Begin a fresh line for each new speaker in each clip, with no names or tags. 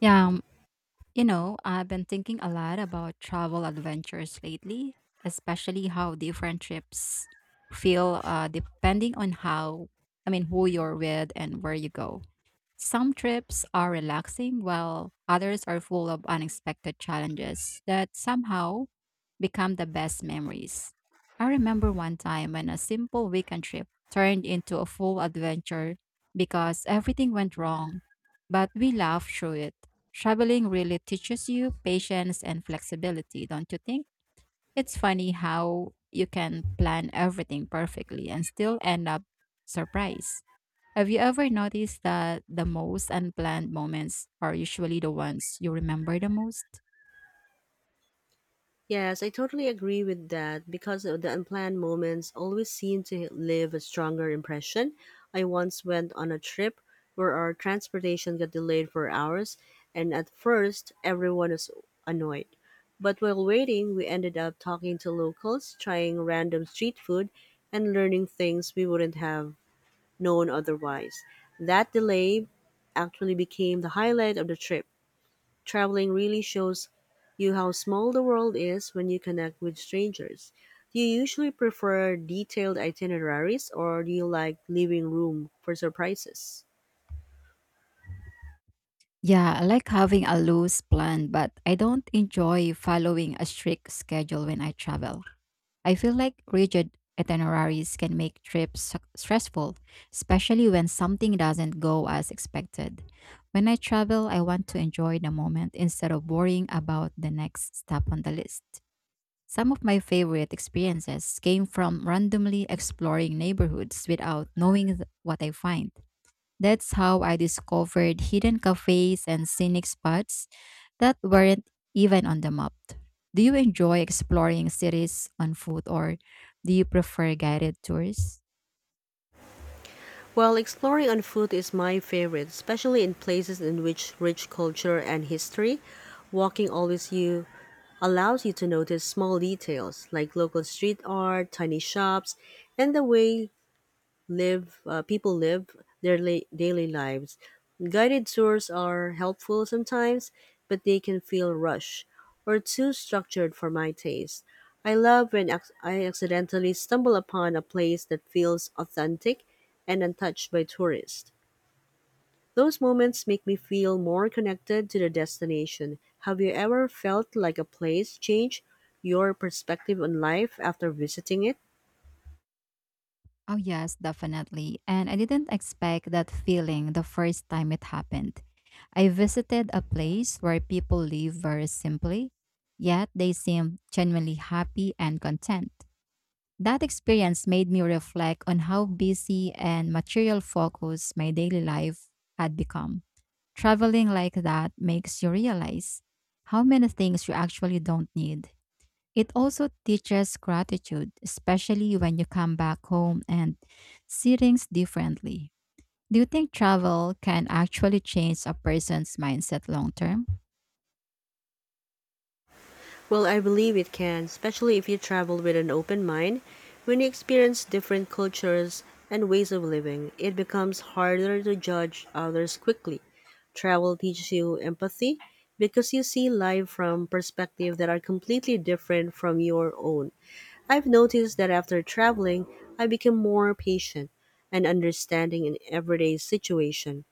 Yeah, um, I've been thinking a lot about travel adventures lately, especially how different trips feel depending on who you're with and where you go. Some trips are relaxing, while others are full of unexpected challenges that somehow become the best memories. I remember one time when a simple weekend trip turned into a full adventure because everything went wrong, but we laughed through it. Traveling really teaches you patience and flexibility, don't you think? It's funny how you can plan everything perfectly and still end up surprised. Have you ever noticed that the most unplanned moments are usually the ones you remember the most?
Yes, I totally agree with that because of the unplanned moments always seem to leave a stronger impression. I once went on a trip where our transportation got delayed for hours, and at first everyone was annoyed. But while waiting, we ended up talking to locals, trying random street food, and learning things we wouldn't have known otherwise. That delay actually became the highlight of the trip. Traveling really shows you how small the world is when you connect with strangers. Do you usually prefer detailed itineraries or do you like leaving room for surprises?
Yeah, I like having a loose plan, but I don't enjoy following a strict schedule when I travel. I feel like rigid itineraries can make trips stressful, especially when something doesn't go as expected. When I travel, I want to enjoy the moment instead of worrying about the next step on the list. Some of my favorite experiences came from randomly exploring neighborhoods without knowing what I find. That's how I discovered hidden cafes and scenic spots that weren't even on the map. Do you enjoy exploring cities on foot or do you prefer guided tours?
Well, exploring on foot is my favorite, especially in places in which rich culture and history. Walking always you allows you to notice small details like local street art, tiny shops, and the way live people live their daily lives. Guided tours are helpful sometimes, but they can feel rushed or too structured for my taste. I love when I accidentally stumble upon a place that feels authentic and untouched by tourists. Those moments make me feel more connected to the destination. Have you ever felt like a place changed your perspective on life after visiting it?
Oh, yes, definitely. And I didn't expect that feeling the first time it happened. I visited a place where people live very simply, yet they seem genuinely happy and content. That experience made me reflect on how busy and material focused my daily life had become. Traveling like that makes you realize how many things you actually don't need. It also teaches gratitude, especially when you come back home and see things differently. Do you think travel can actually change a person's mindset long term?
Well, I believe it can, especially if you travel with an open mind. When you experience different cultures and ways of living, it becomes harder to judge others quickly. Travel teaches you empathy because you see life from perspectives that are completely different from your own. I've noticed that after traveling, I become more patient and understanding in everyday situation.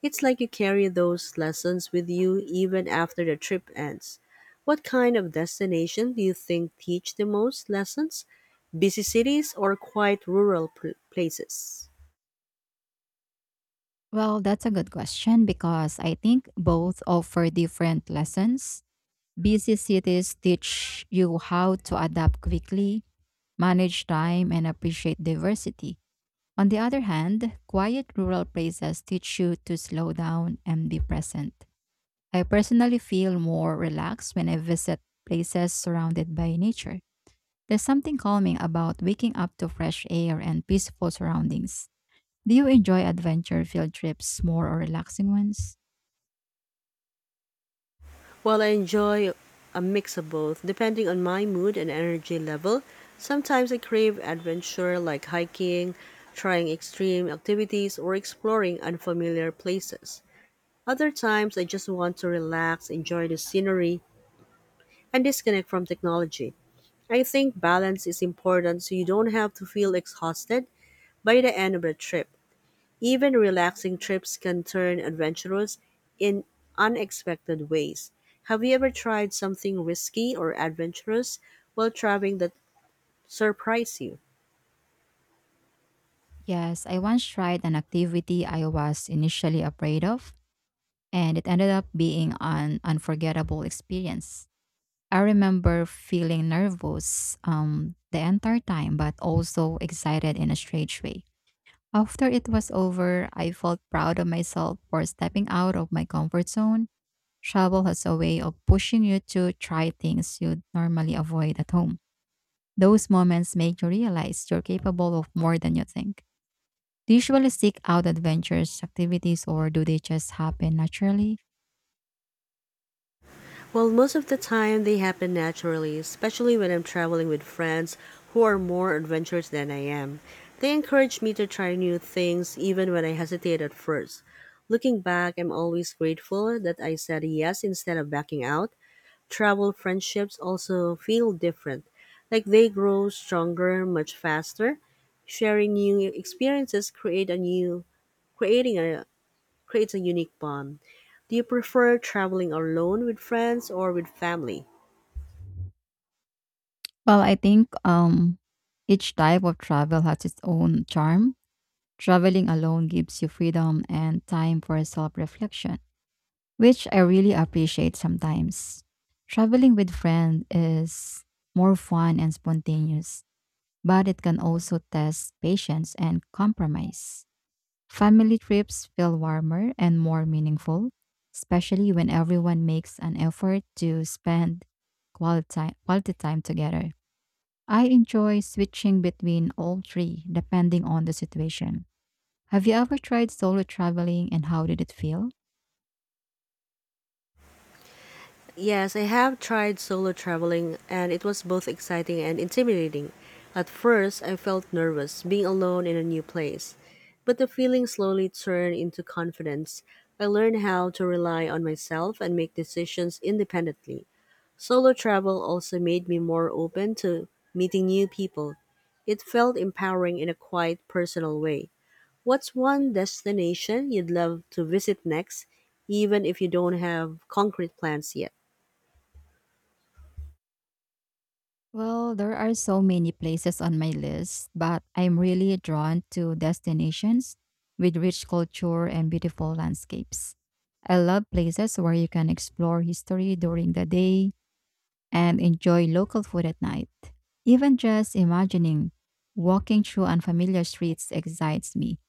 It's like you carry those lessons with you even after the trip ends. What kind of destination do you think teach the most lessons? Busy cities or quiet rural places?
Well, that's a good question because I think both offer different lessons. Busy cities teach you how to adapt quickly, manage time, and appreciate diversity. On the other hand, quiet rural places teach you to slow down and be present. I personally feel more relaxed when I visit places surrounded by nature. There's something calming about waking up to fresh air and peaceful surroundings. Do you enjoy adventure field trips more or relaxing ones?
Well, I enjoy a mix of both, depending on my mood and energy level. Sometimes I crave adventure like hiking, trying extreme activities, or exploring unfamiliar places. Other times I just want to relax, enjoy the scenery, and disconnect from technology. I think balance is important so you don't have to feel exhausted by the end of the trip. Even relaxing trips can turn adventurous in unexpected ways. Have you ever tried something risky or adventurous while traveling that surprised you?
Yes, I once tried an activity I was initially afraid of, and it ended up being an unforgettable experience. I remember feeling nervous the entire time, but also excited in a strange way. After it was over, I felt proud of myself for stepping out of my comfort zone. Travel has a way of pushing you to try things you'd normally avoid at home. Those moments make you realize you're capable of more than you think. Do you usually seek out adventures, activities, or do they just happen naturally?
Well, most of the time they happen naturally, especially when I'm traveling with friends who are more adventurous than I am. They encourage me to try new things even when I hesitate at first. Looking back, I'm always grateful that I said yes instead of backing out. Travel friendships also feel different, like they grow stronger much faster. Sharing new experiences create a new creating a, creates a unique bond. Do you prefer traveling alone with friends or with family?
Well, I think Each type of travel has its own charm. Traveling alone gives you freedom and time for self reflection, which I really appreciate sometimes. Traveling with friends is more fun and spontaneous, but it can also test patience and compromise. Family trips feel warmer and more meaningful, especially when everyone makes an effort to spend quality time together. I enjoy switching between all three depending on the situation. Have you ever tried solo traveling and how did it feel?
Yes, I have tried solo traveling and it was both exciting and intimidating. At first, I felt nervous being alone in a new place, but the feeling slowly turned into confidence. I learned how to rely on myself and make decisions independently. Solo travel also made me more open to meeting new people. It felt empowering in a quiet, personal way. What's one destination you'd love to visit next, even if you don't have concrete plans yet?
Well, there are so many places on my list, but I'm really drawn to destinations with rich culture and beautiful landscapes. I love places where you can explore history during the day and enjoy local food at night. Even just imagining walking through unfamiliar streets excites me.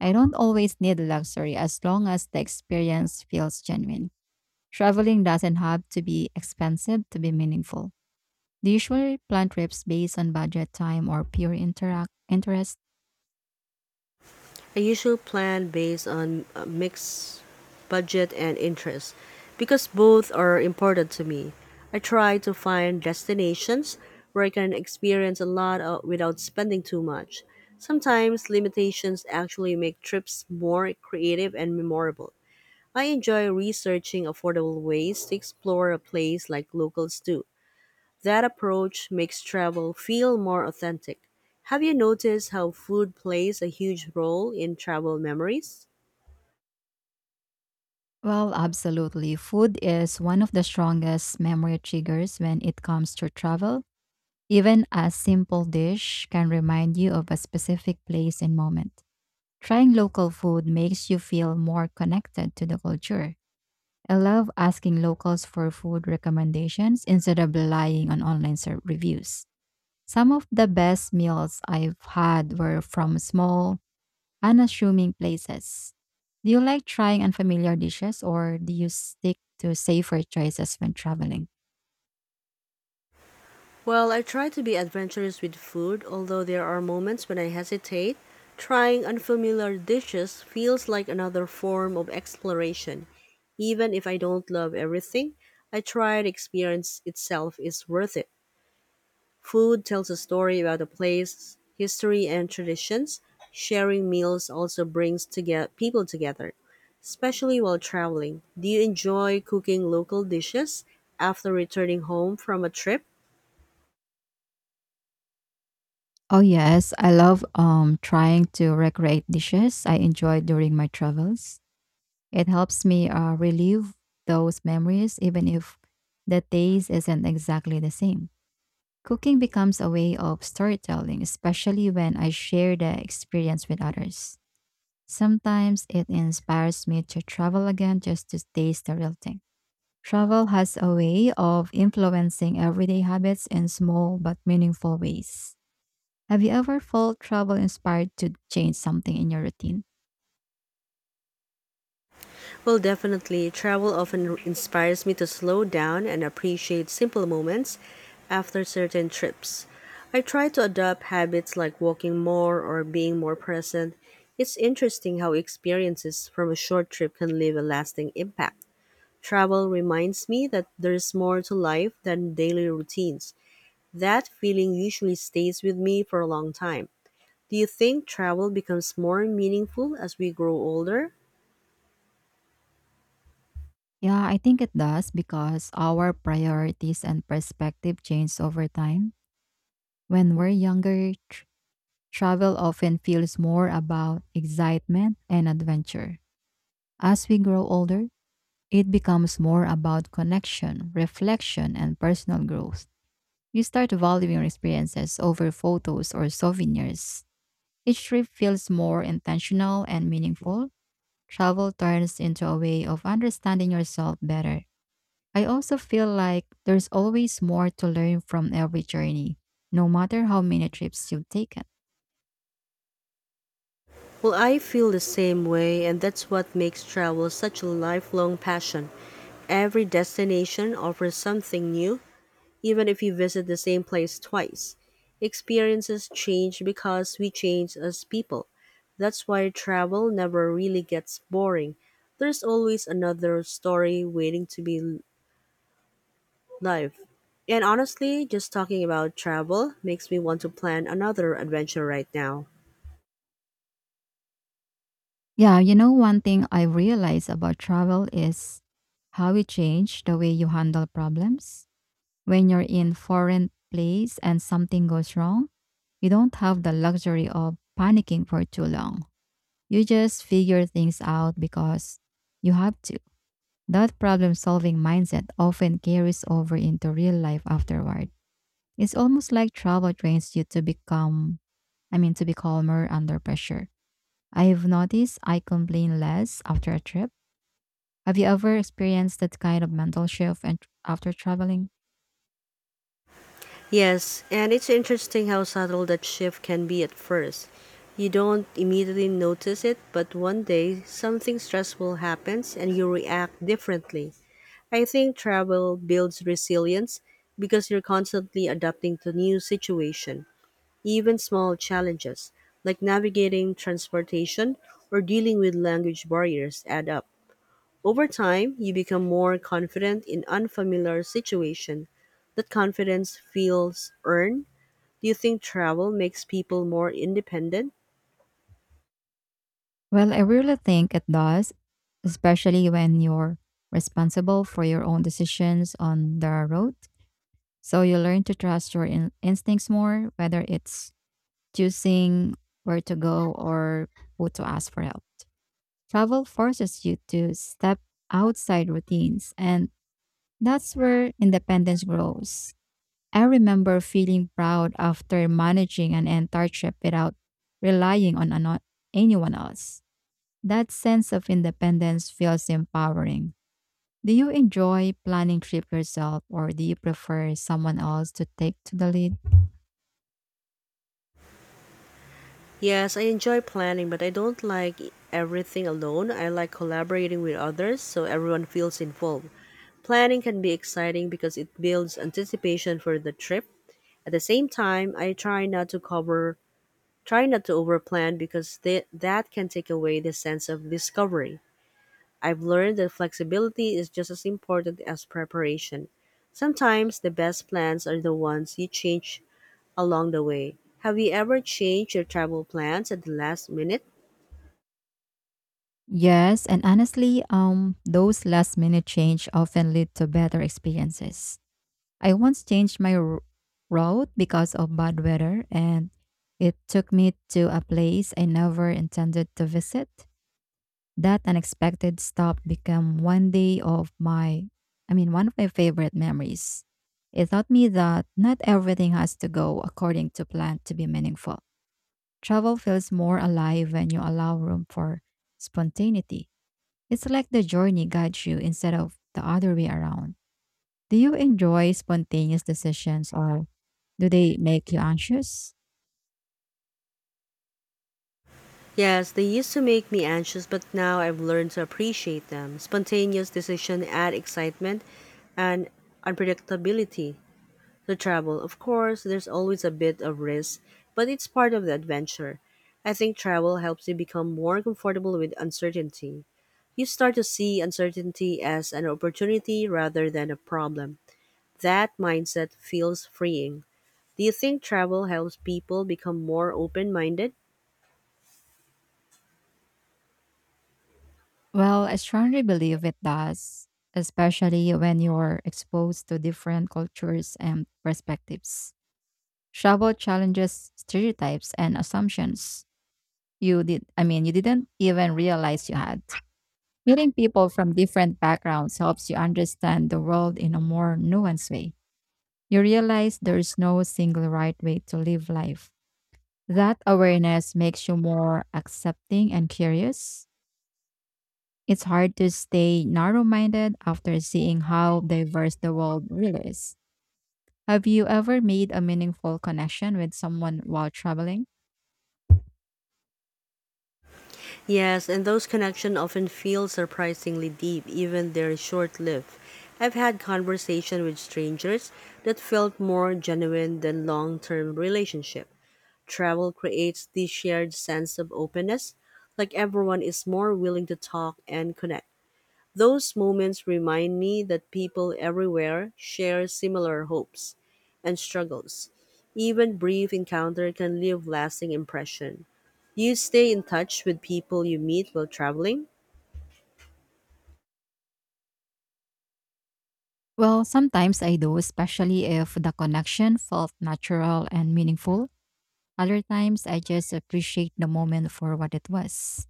I don't always need luxury as long as the experience feels genuine. Traveling doesn't have to be expensive to be meaningful. Do you usually plan trips based on budget, time, or pure interact interest?
I usually plan based on a mix budget and interest because both are important to me. I try to find destinations where I can experience a lot without spending too much. Sometimes limitations actually make trips more creative and memorable. I enjoy researching affordable ways to explore a place like locals do. That approach makes travel feel more authentic. Have you noticed how food plays a huge role in travel memories?
Well, absolutely. Food is one of the strongest memory triggers when it comes to travel. Even a simple dish can remind you of a specific place and moment. Trying local food makes you feel more connected to the culture. I love asking locals for food recommendations instead of relying on online reviews. Some of the best meals I've had were from small, unassuming places. Do you like trying unfamiliar dishes or do you stick to safer choices when traveling?
Well, I try to be adventurous with food, although there are moments when I hesitate. Trying unfamiliar dishes feels like another form of exploration. Even if I don't love everything, I try the experience itself is worth it. Food tells a story about a place, history, and traditions. Sharing meals also brings people together, especially while traveling. Do you enjoy cooking local dishes after returning home from a trip?
Oh yes, I love trying to recreate dishes I enjoyed during my travels. It helps me relive those memories even if the taste isn't exactly the same. Cooking becomes a way of storytelling, especially when I share the experience with others. Sometimes it inspires me to travel again just to taste the real thing. Travel has a way of influencing everyday habits in small but meaningful ways. Have you ever felt travel inspired to change something in your routine?
Well, definitely. Travel often inspires me to slow down and appreciate simple moments after certain trips. I try to adopt habits like walking more or being more present. It's interesting how experiences from a short trip can leave a lasting impact. Travel reminds me that there's more to life than daily routines. That feeling usually stays with me for a long time. Do you think travel becomes more meaningful as we grow older?
Yeah, I think it does because our priorities and perspective change over time. When we're younger, travel often feels more about excitement and adventure. As we grow older, it becomes more about connection, reflection, and personal growth. You start valuing experiences over photos or souvenirs. Each trip feels more intentional and meaningful. Travel turns into a way of understanding yourself better. I also feel like there's always more to learn from every journey, no matter how many trips you've taken.
Well, I feel the same way, and that's what makes travel such a lifelong passion. Every destination offers something new. Even if you visit the same place twice, experiences change because we change as people. That's why travel never really gets boring. There's always another story waiting to be lived. And honestly, just talking about travel makes me want to plan another adventure right now.
Yeah, you know, one thing I realize about travel is how it changed the way you handle problems. When you're in foreign place and something goes wrong, you don't have the luxury of panicking for too long. You just figure things out because you have to. That problem solving mindset often carries over into real life afterward. It's almost like travel trains you to to be calmer under pressure. I've noticed I complain less after a trip. Have you ever experienced that kind of mental after traveling?
Yes, and it's interesting how subtle that shift can be at first. You don't immediately notice it, but one day something stressful happens and you react differently. I think travel builds resilience because you're constantly adapting to new situation, even small challenges like navigating transportation or dealing with language barriers add up. Over time, you become more confident in unfamiliar situation. That confidence feels earned. Do you think travel makes people more independent?
Well, I really think it does, especially when you're responsible for your own decisions on the road. So you learn to trust your instincts more, whether it's choosing where to go or who to ask for help. Travel forces you to step outside routines, and that's where independence grows. I remember feeling proud after managing an entire trip without relying on anyone else. That sense of independence feels empowering. Do you enjoy planning trip yourself or do you prefer someone else to take to the lead?
Yes, I enjoy planning, but I don't like everything alone. I like collaborating with others so everyone feels involved. Planning can be exciting because it builds anticipation for the trip. At the same time, I try not to overplan because that can take away the sense of discovery. I've learned that flexibility is just as important as preparation. Sometimes the best plans are the ones you change along the way. Have you ever changed your travel plans at the last minute?
Yes, and honestly, those last minute change often lead to better experiences. I once changed my route because of bad weather and it took me to a place I never intended to visit. That unexpected stop became one of my favorite memories. It taught me that not everything has to go according to plan to be meaningful. Travel feels more alive when you allow room for spontaneity. It's like the journey guides you instead of the other way around. Do you enjoy spontaneous decisions or do they make you anxious?
Yes, they used to make me anxious, but now I've learned to appreciate them. Spontaneous decisions add excitement and unpredictability to travel. Of course, there's always a bit of risk, but it's part of the adventure. I think travel helps you become more comfortable with uncertainty. You start to see uncertainty as an opportunity rather than a problem. That mindset feels freeing. Do you think travel helps people become more open minded?
Well, I strongly believe it does, especially when you're exposed to different cultures and perspectives. Travel challenges stereotypes and assumptions you didn't even realize you had. Meeting people from different backgrounds helps you understand the world in a more nuanced way. You realize there's no single right way to live life. That awareness makes you more accepting and curious. It's hard to stay narrow minded after seeing how diverse the world really is. Have you ever made a meaningful connection with someone while traveling?
Yes, and those connections often feel surprisingly deep, even they're short lived. I've had conversations with strangers that felt more genuine than long term relationship. Travel creates this shared sense of openness, like everyone is more willing to talk and connect. Those moments remind me that people everywhere share similar hopes and struggles. Even brief encounter can leave lasting impression. You stay in touch with people you meet while traveling?
Well, sometimes I do, especially if the connection felt natural and meaningful. Other times, I just appreciate the moment for what it was.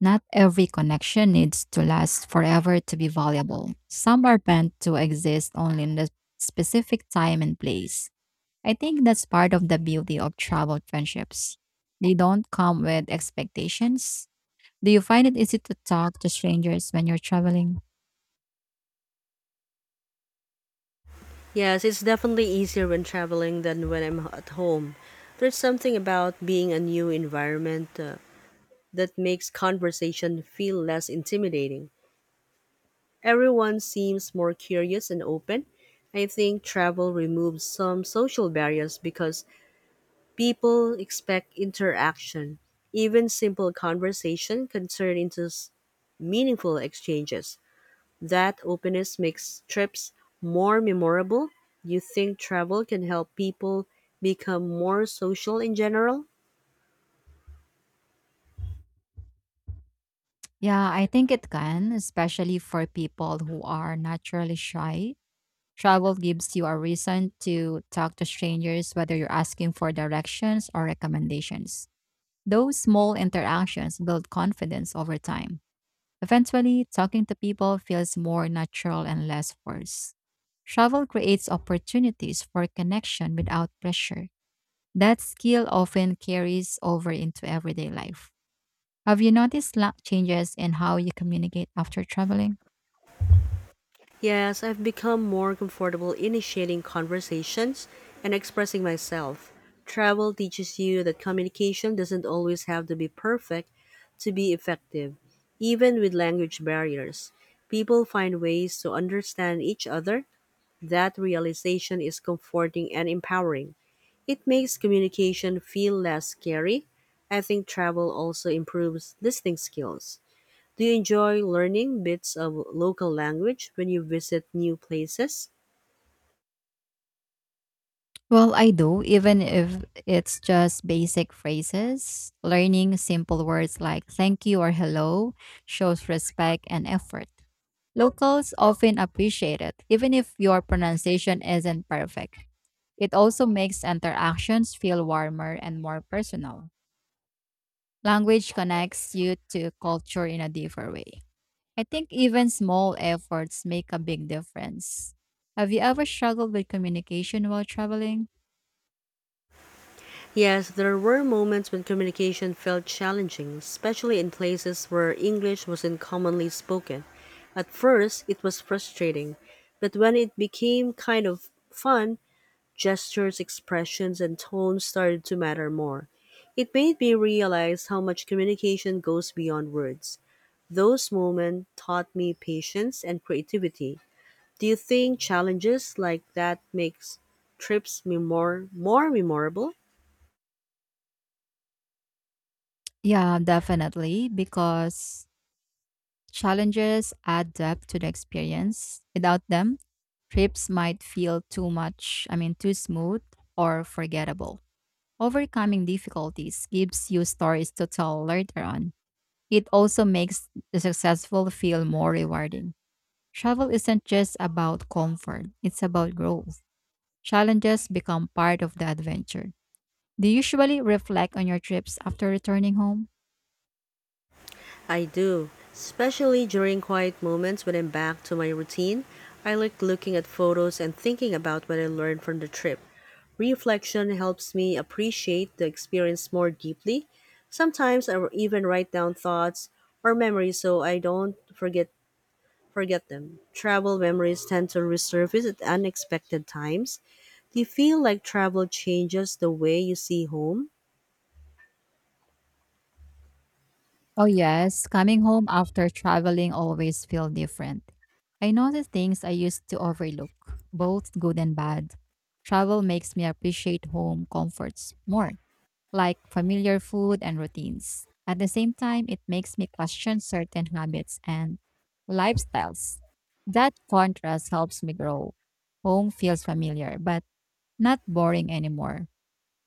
Not every connection needs to last forever to be valuable. Some are meant to exist only in the specific time and place. I think that's part of the beauty of travel friendships. They don't come with expectations. Do you find it easy to talk to strangers when you're traveling?
Yes, it's definitely easier when traveling than when I'm at home. There's something about being a new environment that makes conversation feel less intimidating. Everyone seems more curious and open. I think travel removes some social barriers because people expect interaction. Even simple conversation can turn into meaningful exchanges. That openness makes trips more memorable. You think travel can help people become more social in general?
Yeah, I think it can, especially for people who are naturally shy. Travel gives you a reason to talk to strangers, whether you're asking for directions or recommendations. Those small interactions build confidence over time. Eventually, talking to people feels more natural and less forced. Travel creates opportunities for connection without pressure. That skill often carries over into everyday life. Have you noticed changes in how you communicate after traveling?
Yes, I've become more comfortable initiating conversations and expressing myself. Travel teaches you that communication doesn't always have to be perfect to be effective, even with language barriers. People find ways to understand each other. That realization is comforting and empowering. It makes communication feel less scary. I think travel also improves listening skills. Do you enjoy learning bits of local language when you visit new places?
Well, I do, even if it's just basic phrases. Learning simple words like thank you or hello shows respect and effort. Locals often appreciate it, even if your pronunciation isn't perfect. It also makes interactions feel warmer and more personal. Language connects you to culture in a deeper way. I think even small efforts make a big difference. Have you ever struggled with communication while traveling?
Yes, there were moments when communication felt challenging, especially in places where English wasn't commonly spoken. At first, it was frustrating, but when it became kind of fun, gestures, expressions, and tone started to matter more. It made me realize how much communication goes beyond words. Those moments taught me patience and creativity. Do you think challenges like that makes trips me more memorable?
Yeah, definitely, because challenges add depth to the experience. Without them, trips might feel too much, I mean, too smooth or forgettable. Overcoming difficulties gives you stories to tell later on. It also makes the successful feel more rewarding. Travel isn't just about comfort, it's about growth. Challenges become part of the adventure. Do you usually reflect on your trips after returning home?
I do, especially during quiet moments when I'm back to my routine. I like looking at photos and thinking about what I learned from the trip. Reflection helps me appreciate the experience more deeply. Sometimes I will even write down thoughts or memories so I don't forget them. Travel memories tend to resurface at unexpected times. Do you feel like travel changes the way you see home?
Oh, yes. Coming home after traveling always feel different. I notice things I used to overlook, both good and bad. Travel makes me appreciate home comforts more, like familiar food and routines. At the same time, it makes me question certain habits and lifestyles. That contrast helps me grow. Home feels familiar, but not boring anymore.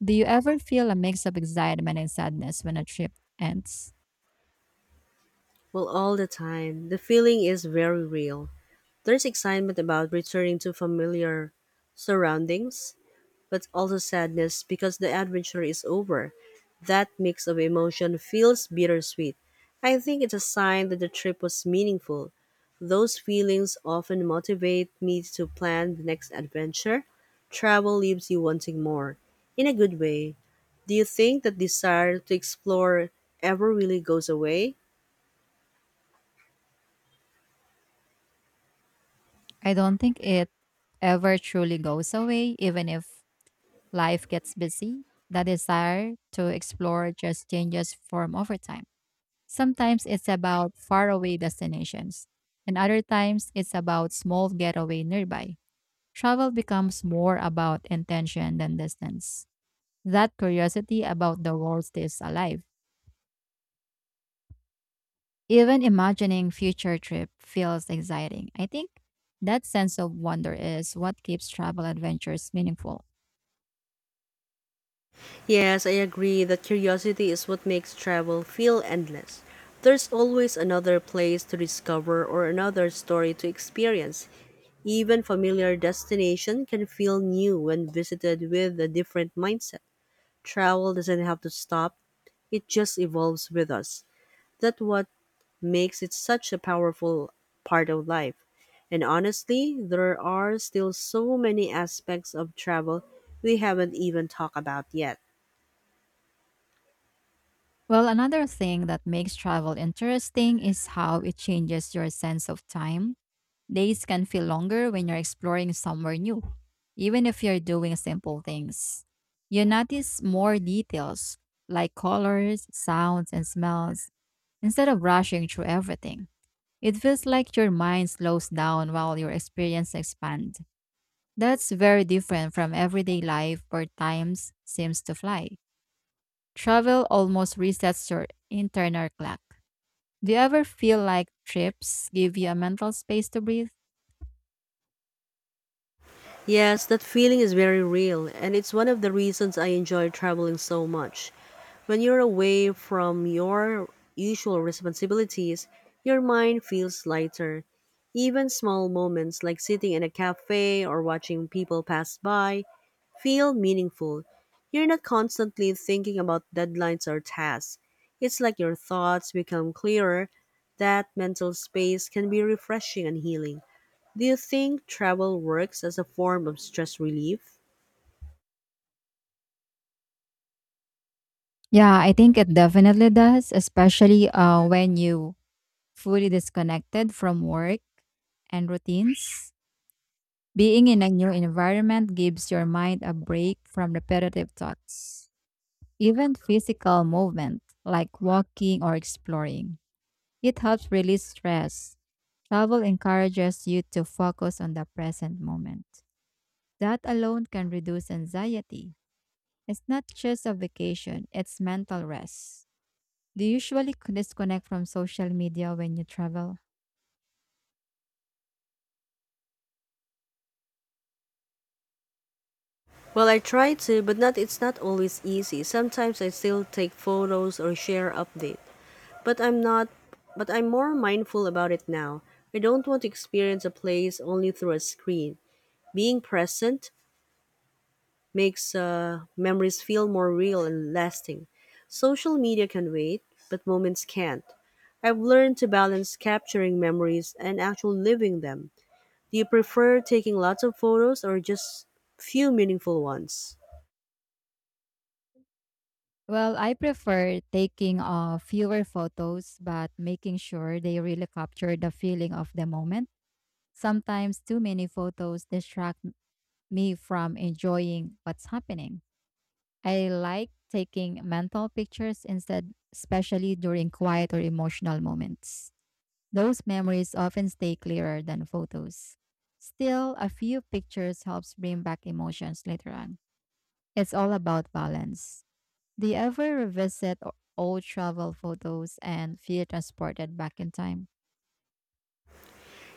Do you ever feel a mix of excitement and sadness when a trip ends?
Well, all the time. The feeling is very real. There's excitement about returning to familiar surroundings, but also sadness because the adventure is over. That mix of emotion feels bittersweet. I think it's a sign that the trip was meaningful. Those feelings often motivate me to plan the next adventure. Travel leaves you wanting more. In a good way, do you think that desire to explore ever really goes away?
I don't think it ever truly goes away, even if life gets busy. The desire to explore just changes form over time. Sometimes it's about faraway destinations, and other times it's about small getaway nearby. Travel becomes more about intention than distance. That curiosity about the world stays alive. Even imagining future trip feels exciting. I think that sense of wonder is what keeps travel adventures meaningful.
Yes, I agree that curiosity is what makes travel feel endless. There's always another place to discover or another story to experience. Even familiar destination can feel new when visited with a different mindset. Travel doesn't have to stop, it just evolves with us. That's what makes it such a powerful part of life. And honestly, there are still so many aspects of travel we haven't even talked about yet.
Well, another thing that makes travel interesting is how it changes your sense of time. Days can feel longer when you're exploring somewhere new, even if you're doing simple things. You notice more details like colors, sounds, and smells instead of rushing through everything. It feels like your mind slows down while your experience expands. That's very different from everyday life where times seems to fly. Travel almost resets your internal clock. Do you ever feel like trips give you a mental space to breathe?
Yes, that feeling is very real, and it's one of the reasons I enjoy traveling so much. When you're away from your usual responsibilities, your mind feels lighter. Even small moments like sitting in a cafe or watching people pass by feel meaningful. You're not constantly thinking about deadlines or tasks. It's like your thoughts become clearer. That mental space can be refreshing and healing. Do you think travel works as a form of stress relief?
Yeah, I think it definitely does, especially when you fully disconnected from work and routines. Being in a new environment gives your mind a break from repetitive thoughts. Even physical movement, like walking or exploring, it helps release stress. Travel encourages you to focus on the present moment. That alone can reduce anxiety. It's not just a vacation, it's mental rest. Do you usually disconnect from social media when you travel?
Well, I try to, but not it's not always easy. Sometimes I still take photos or share update, but I'm not but I'm more mindful about it now. I don't want to experience a place only through a screen. Being present makes memories feel more real and lasting. Social media can wait, but moments can't. I've learned to balance capturing memories and actual living them. Do you prefer taking lots of photos or just few meaningful ones?
Well, I prefer taking fewer photos, but making sure they really capture the feeling of the moment. Sometimes too many photos distract me from enjoying what's happening. I like taking mental pictures instead, especially during quiet or emotional moments. Those memories often stay clearer than photos. Still, a few pictures helps bring back emotions later on. It's all about balance. Do you ever revisit old travel photos and feel transported back in time?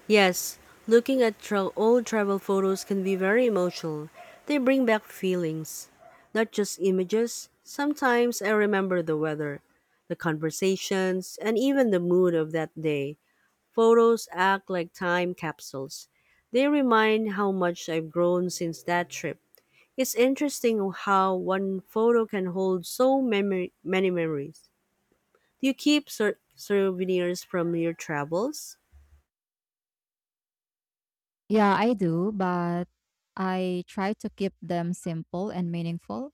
Yes, looking at old travel photos can be very emotional. They bring back feelings, not just images. Sometimes I remember the weather, the conversations, and even the mood of that day. Photos act like time capsules. They remind how much I've grown since that trip. It's interesting how one photo can hold so many memories. Do you keep souvenirs from your travels?
Yeah, I do, but I try to keep them simple and meaningful.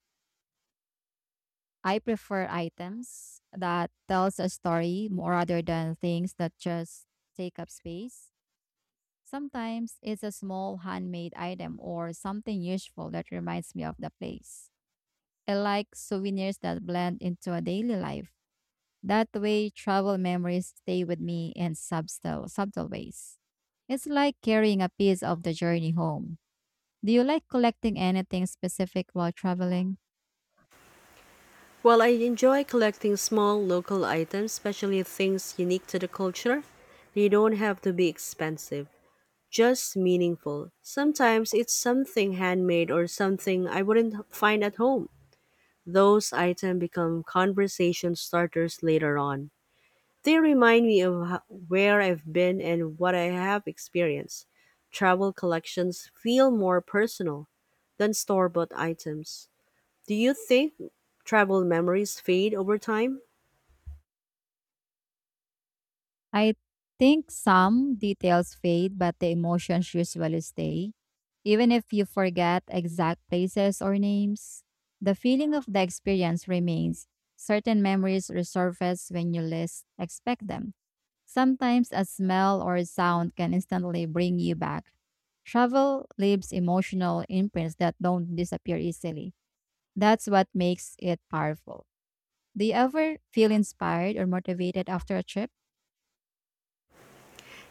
I prefer items that tells a story more rather than things that just take up space. Sometimes it's a small handmade item or something useful that reminds me of the place. I like souvenirs that blend into a daily life. That way, travel memories stay with me in subtle, subtle ways. It's like carrying a piece of the journey home. Do you like collecting anything specific while traveling?
Well, I enjoy collecting small local items, especially things unique to the culture. They don't have to be expensive, just meaningful. Sometimes it's something handmade or something I wouldn't find at home. Those items become conversation starters later on. They remind me of where I've been and what I have experienced. Travel collections feel more personal than store bought items. Do you think travel memories fade over time?
I think some details fade, but the emotions usually stay. Even if you forget exact places or names, the feeling of the experience remains. Certain memories resurface when you least expect them. Sometimes a smell or a sound can instantly bring you back. Travel leaves emotional imprints that don't disappear easily. That's what makes it powerful. Do you ever feel inspired or motivated after a trip?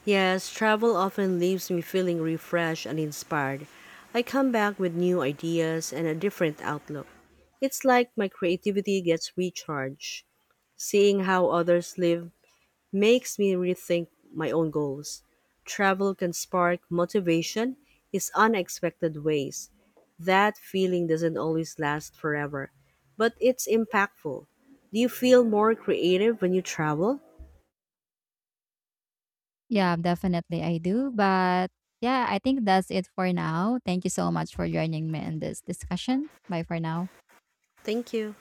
Yes, travel often leaves me feeling refreshed and inspired. I come back with new ideas and a different outlook. It's like my creativity gets recharged. Seeing how others live makes me rethink my own goals. Travel can spark motivation in unexpected ways. That feeling doesn't always last forever, but it's impactful. Do you feel more creative when you travel?
Yeah, definitely I do. But yeah, I think that's it for now. Thank you so much for joining me in this discussion. Bye for now.
Thank you.